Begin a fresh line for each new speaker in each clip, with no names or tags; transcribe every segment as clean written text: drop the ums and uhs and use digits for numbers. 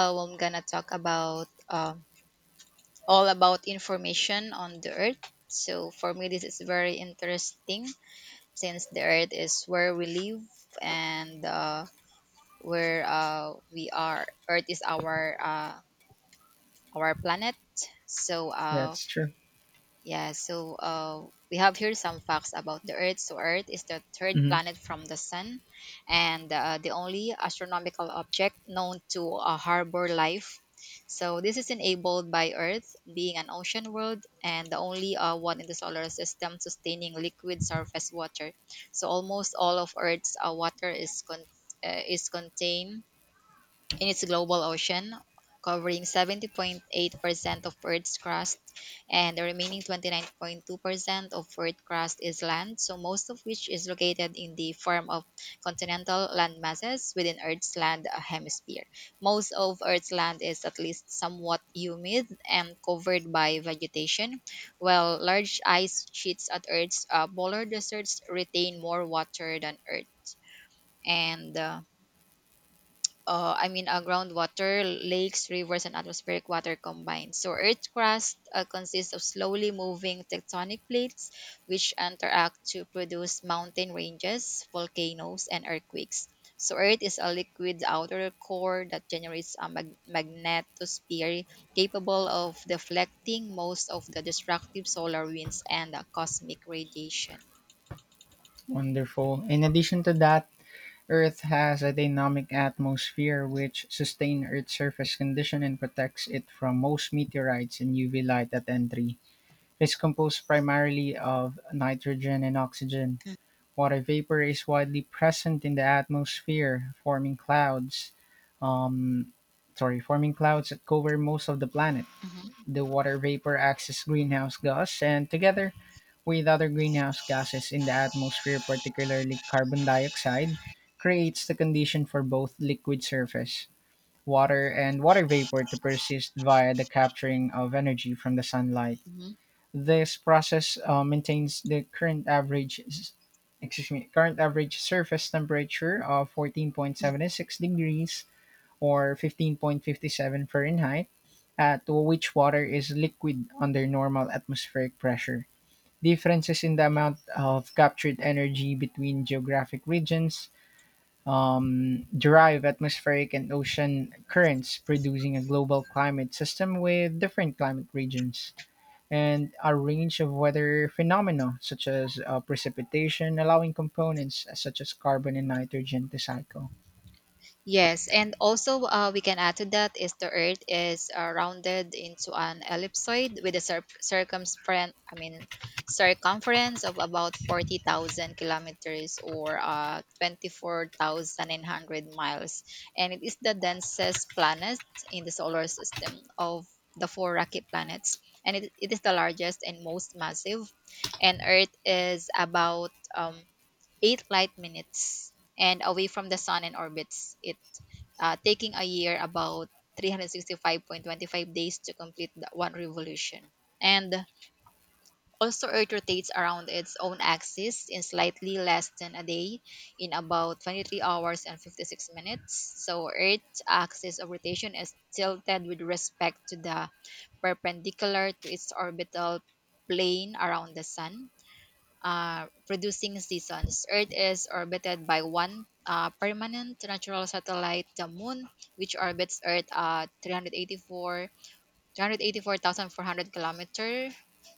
Well, I'm gonna talk about all about information on the Earth. So for me, this is very interesting since the Earth is where we live and where we are. Earth is our our planet. So uh,
That's true.
Yeah, so we have here some facts about the Earth. So, Earth is the third
Hmm.
planet from the Sun and the only astronomical object known to harbor life. So, this is enabled by Earth being an ocean world and the only one in the solar system sustaining liquid surface water. So, almost all of Earth's water is contained in its global ocean, covering 70.8% of Earth's crust, and the remaining 29.2% of Earth's crust is land, so most of which is located in the form of continental landmasses within Earth's land hemisphere. Most of Earth's land is at least somewhat humid and covered by vegetation, while large ice sheets at Earth's polar deserts retain more water than Earth. And I mean, groundwater, lakes, rivers, and atmospheric water combined. So, Earth's crust consists of slowly moving tectonic plates, which interact to produce mountain ranges, volcanoes, and earthquakes. So, Earth is a liquid outer core that generates a magnetosphere capable of deflecting most of the destructive solar winds and cosmic radiation.
Wonderful. In addition to that, Earth has a dynamic atmosphere which sustains Earth's surface condition and protects it from most meteorites and UV light at entry. It's composed primarily of nitrogen and oxygen.
Mm.
Water vapor is widely present in the atmosphere, forming clouds. Um, Sorry, forming clouds that cover most of the planet. The water vapor acts as greenhouse gas, and together with other greenhouse gases in the atmosphere, particularly carbon dioxide, creates the condition for both liquid surface, water, and water vapor to persist via the capturing of energy from the sunlight.
Mhm,
This process maintains the current average s- excuse me current average surface temperature of
mhm.
14.76 degrees or 15.57 Fahrenheit, to which water is liquid under normal atmospheric pressure. Differences in the amount of captured energy between geographic regions derive atmospheric and ocean currents, producing a global climate system with different climate regions. And a range of weather phenomena, such as precipitation, allowing components such as carbon and nitrogen to cycle.
Yes, and also we can add to that is the Earth is rounded into an ellipsoid with a circumference, I mean, circumference of about 40,000 kilometers or 24,900 miles, and it is the densest planet in the solar system of the four rocky planets, and it is the largest and most massive, and Earth is about um, 8 light minutes and away from the sun and orbits it taking a year about 365.25 days to complete the one revolution. And also, Earth rotates around its own axis in slightly less than a day, in about 23 hours and 56 minutes. So, Earth's axis of rotation is tilted with respect to the perpendicular to its orbital plane around the Sun, producing seasons. Earth is orbited by one permanent natural satellite, the Moon, which orbits Earth at 384,400 kilometer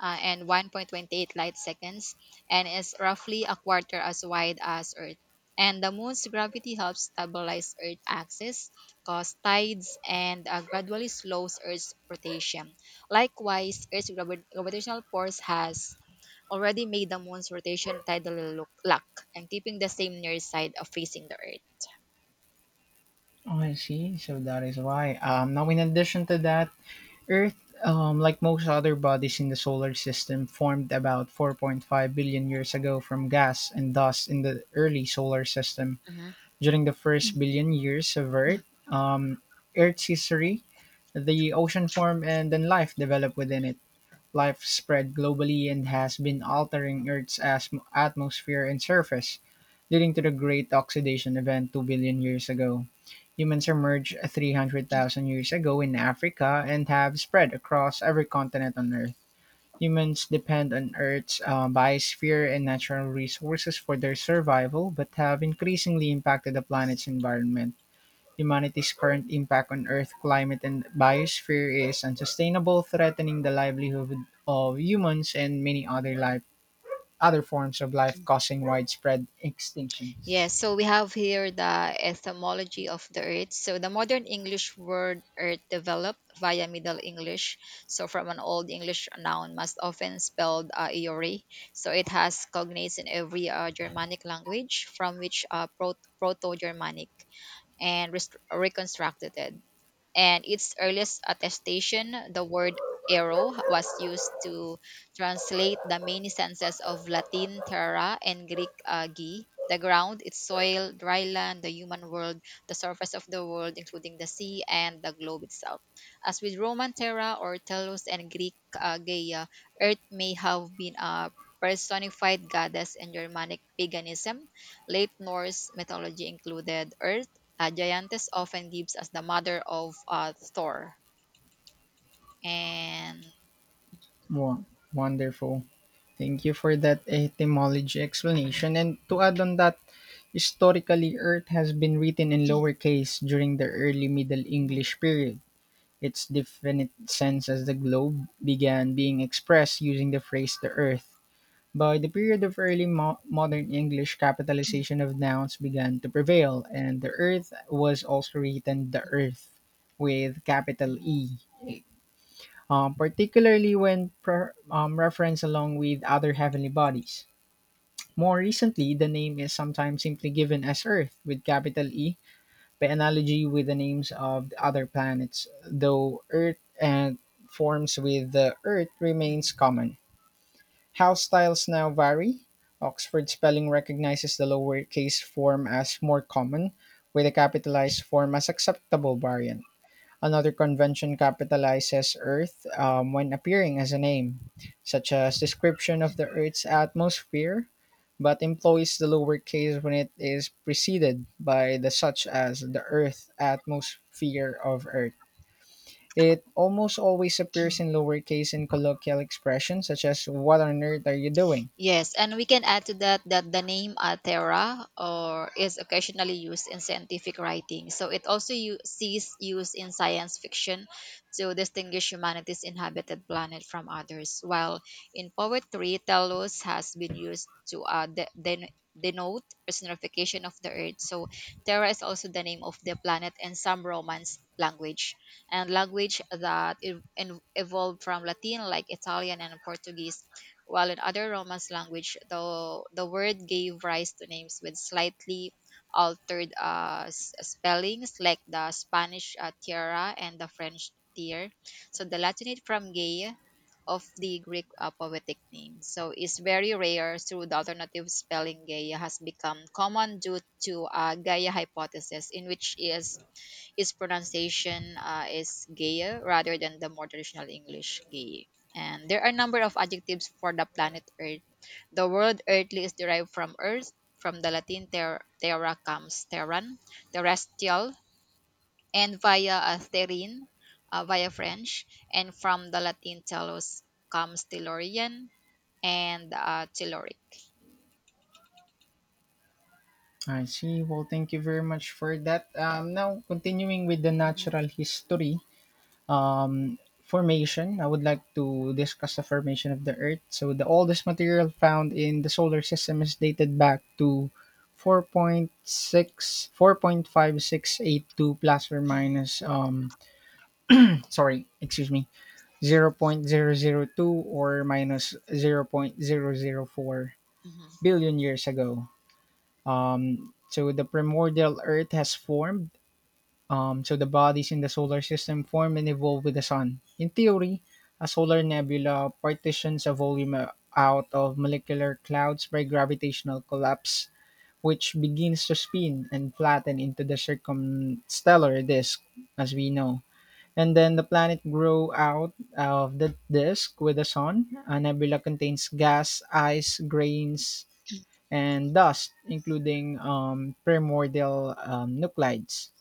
and 1.28 light seconds, and is roughly a quarter as wide as Earth. And the Moon's gravity helps stabilize Earth's axis, cause tides, and gradually slows Earth's rotation. Likewise, Earth's gravitational force has already made the moon's rotation tidal look lock and keeping the same near side of facing the earth.
Oh, I see. So that is why. Now, in addition to that, Earth, like most other bodies in the solar system, formed about 4.5 billion years ago from gas and dust in the early solar system.
Hmm.
During the first billion years of um, Earth's history, the ocean formed and then life developed within it. Life spread globally and has been altering Earth's atmosphere and surface, leading to the Great Oxidation Event 2 billion years ago. Humans emerged 300,000 years ago in Africa and have spread across every continent on Earth. Humans depend on Earth's biosphere and natural resources for their survival, but have increasingly impacted the planet's environment. Humanity's current impact on Earth, climate, and biosphere is unsustainable, threatening the livelihood of humans and many other life, other forms of life, causing widespread extinctions.
Yes, so we have here the etymology of the earth. So the modern English word earth developed via Middle English, so from an Old English noun most often spelled Eore. So it has cognates in every Germanic language from which Proto Germanic reconstructed it. And its earliest attestation, the word arrow was used to translate the many senses of Latin terra and Greek agi, the ground, its soil, dry land, the human world, the surface of the world, including the sea and the globe itself. As with Roman terra or telos and Greek Gaia, Earth may have been a personified goddess in Germanic paganism. Late Norse mythology included Earth Giantes often gives us the mother of Thor. And.
Wow, wonderful. Thank you for that etymology explanation. And to add on that, historically, Earth has been written in lower case during the early Middle
Mhm,
English period. Its definite sense as the globe began being expressed using the phrase the Earth. By the period of early modern English, capitalization of nouns began to prevail, and the earth was also written the earth with capital
mhm,
E, particularly when referenced along with other heavenly bodies. More recently, the name is sometimes simply given as Earth with capital E by analogy with the names of the other planets, though Earth and forms with the Earth
mhm.
remains common. House styles now vary. Oxford spelling recognizes the lowercase form as more common, with the capitalized form as acceptable variant. Another convention capitalizes Earth when appearing as a name, such as description of the Earth's atmosphere, but employs the lowercase when it is preceded by the such as the Earth atmosphere of Earth. It almost always appears in lowercase in colloquial expressions such as "What on earth are you doing?"
Yes, and we can add to that that the name Altera or is occasionally used in scientific writing. So it also sees used in science fiction to distinguish humanity's inhabited planet from others, while in poetry, Telos has been used to denote personification of the earth. So Terra is also the name of the planet in some Romance language and language that evolved from Latin like Italian and Portuguese, while in other Romance language, the word gave rise to names with slightly altered spellings, like the Spanish tiara and the French tier. So the Latinate from gay of the Greek poetic name. So it's very rare through the alternative spelling Gaia has become common due to Gaia hypothesis, in which is its pronunciation is Gaia rather than the more traditional English Gaia. And there are a number of adjectives for the planet Earth. The word earthly is derived from earth, from the Latin terra comes terran, terrestrial, and via terrene, via French, and from the Latin telos comes tellurian and telluric.
I see. Well, thank you very much for that. Now, continuing with the
Mhm.
natural history formation, I would like to discuss the formation of the Earth. So, the oldest material found in the solar system is dated back to 4.5682 plus or minus sorry excuse me zero point zero zero 0.002 or minus zero point zero zero 0.004
Mhm.
billion years ago, so the primordial Earth has formed. So the bodies in the solar system form and evolve with the sun. In theory, a solar nebula partitions a volume out of molecular clouds by gravitational collapse, which begins to spin and flatten into the circumstellar disk, as we know. And then the planet grow out of the disk with the sun. A nebula contains gas, ice, grains, and dust, including primordial nuclides.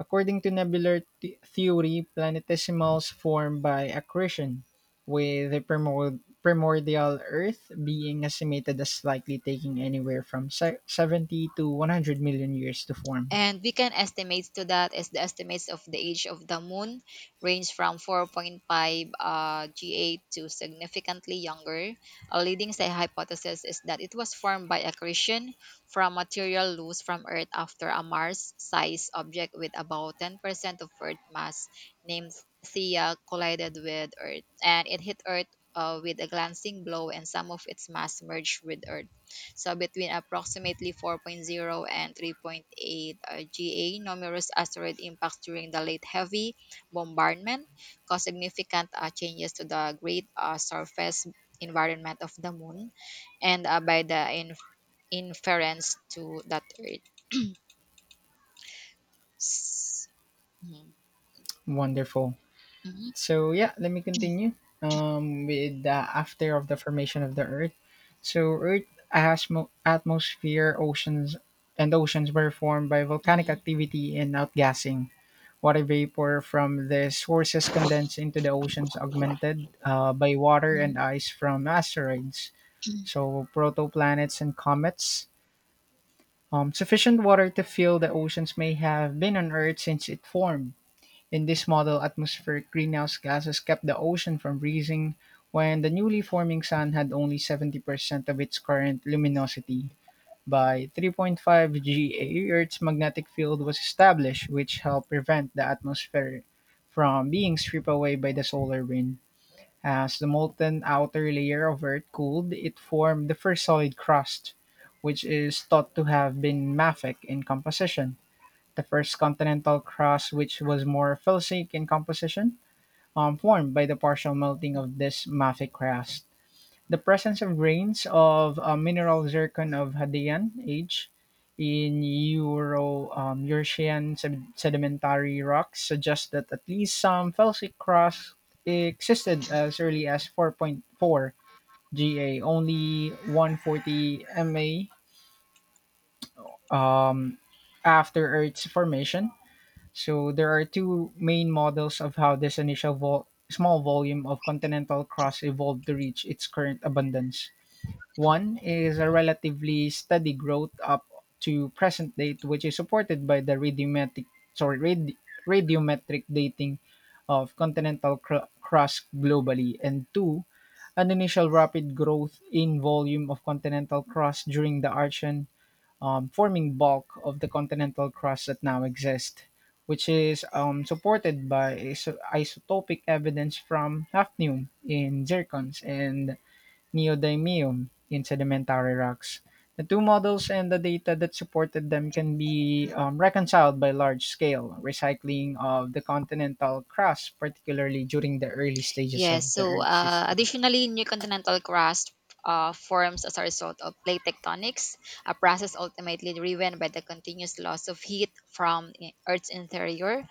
According to nebular theory, planetesimals form by accretion, with the primordial Earth being estimated as likely taking anywhere from 70 to 100 million years to form.
And we can estimate to that is the estimates of the age of the moon range from 4.5 GA to significantly younger. A leading say hypothesis is that it was formed by accretion from material loose from Earth after a Mars-sized object with about 10% of Earth mass named Theia collided with Earth, and it hit Earth with a glancing blow, and some of its mass merged with Earth. So between approximately four point zero and 3.8 GA, numerous asteroid impacts during the late heavy bombardment caused significant changes to the great surface environment of the moon and by the inference to that Earth. S- mhm,
Wonderful.
mhm,
So yeah, let me continue with the after of the formation of the Earth. So Earth atmosphere, oceans, and oceans were formed by volcanic
mhm,
activity and outgassing. Water vapor from the sources condensed into the oceans, augmented by water
mhm.
and ice from asteroids, so protoplanets and comets. Sufficient water to fill the oceans may have been on Earth since it formed in this model, atmospheric greenhouse gases kept the ocean from freezing when the newly forming sun had only 70% of its current luminosity. By 3.5 GA, Earth's magnetic field was established, which helped prevent the atmosphere from being stripped away by the solar wind. As the molten outer layer of Earth cooled, it formed the first solid crust, which is thought to have been mafic in composition. The first continental crust, which was more felsic in composition, formed by the partial melting of this mafic crust. The presence of grains of mineral zircon of Hadean age in Euro Eurasian sedimentary rocks suggests that at least some felsic crust existed as early as 4.4 GA, only 140 MA um, after Earth's formation. So there are two main models of how this initial small volume of continental crust evolved to reach its current abundance. One is a relatively steady growth up to present date, which is supported by the sorry radi- radiometric dating of continental crust globally, and two, an initial rapid growth in volume of continental crust during the Archean forming bulk of the continental crust that now exists, which is supported by isotopic evidence from hafnium in zircons and neodymium in sedimentary rocks. The two models and the data that supported them can be reconciled by large scale recycling of the continental crust, particularly during the early stages
Yes.
of the
So,
Earth's
uh,
history.
additionally, new continental crust forms as a result of plate tectonics, a process ultimately driven by the continuous loss of heat from Earth's interior.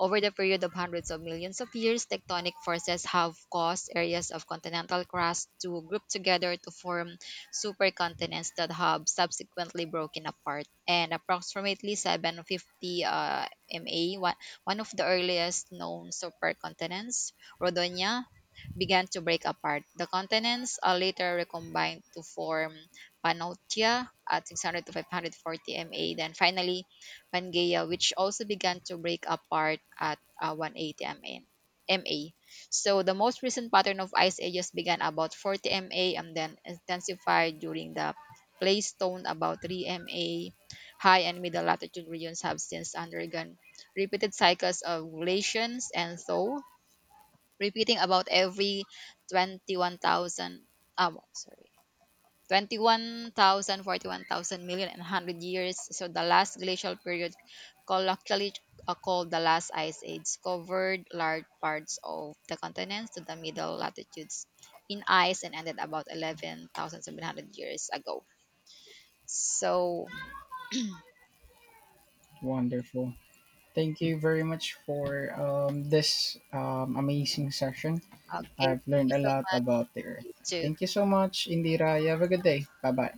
Over the period of hundreds of millions of years, tectonic forces have caused areas of continental crust to group together to form supercontinents that have subsequently broken apart. And approximately 750 MA, one of the earliest known supercontinents, Rhodonia, began to break apart. The continents are later recombined to form Pannotia at 600 to 540 MA, then finally Pangaea, which also began to break apart at 180 MN. MA. So the most recent pattern of ice ages began about 40 MA and then intensified during the Pleistocene about 3 MA. High and middle latitude regions have since undergone repeated cycles of glaciations and thaw, repeating about every 21,000 um sorry 21,000 years. So the last glacial period, colloquially called the last ice age, covered large parts of the continents to the middle latitudes in ice and ended about 11,700 years ago, so
Wonderful. Thank you very much for this amazing session.
okay,
I've
thank
learned
you
a
so
lot
much.
about the earth.
You too.
Thank you so much, Indira. You have a good day. Bye bye.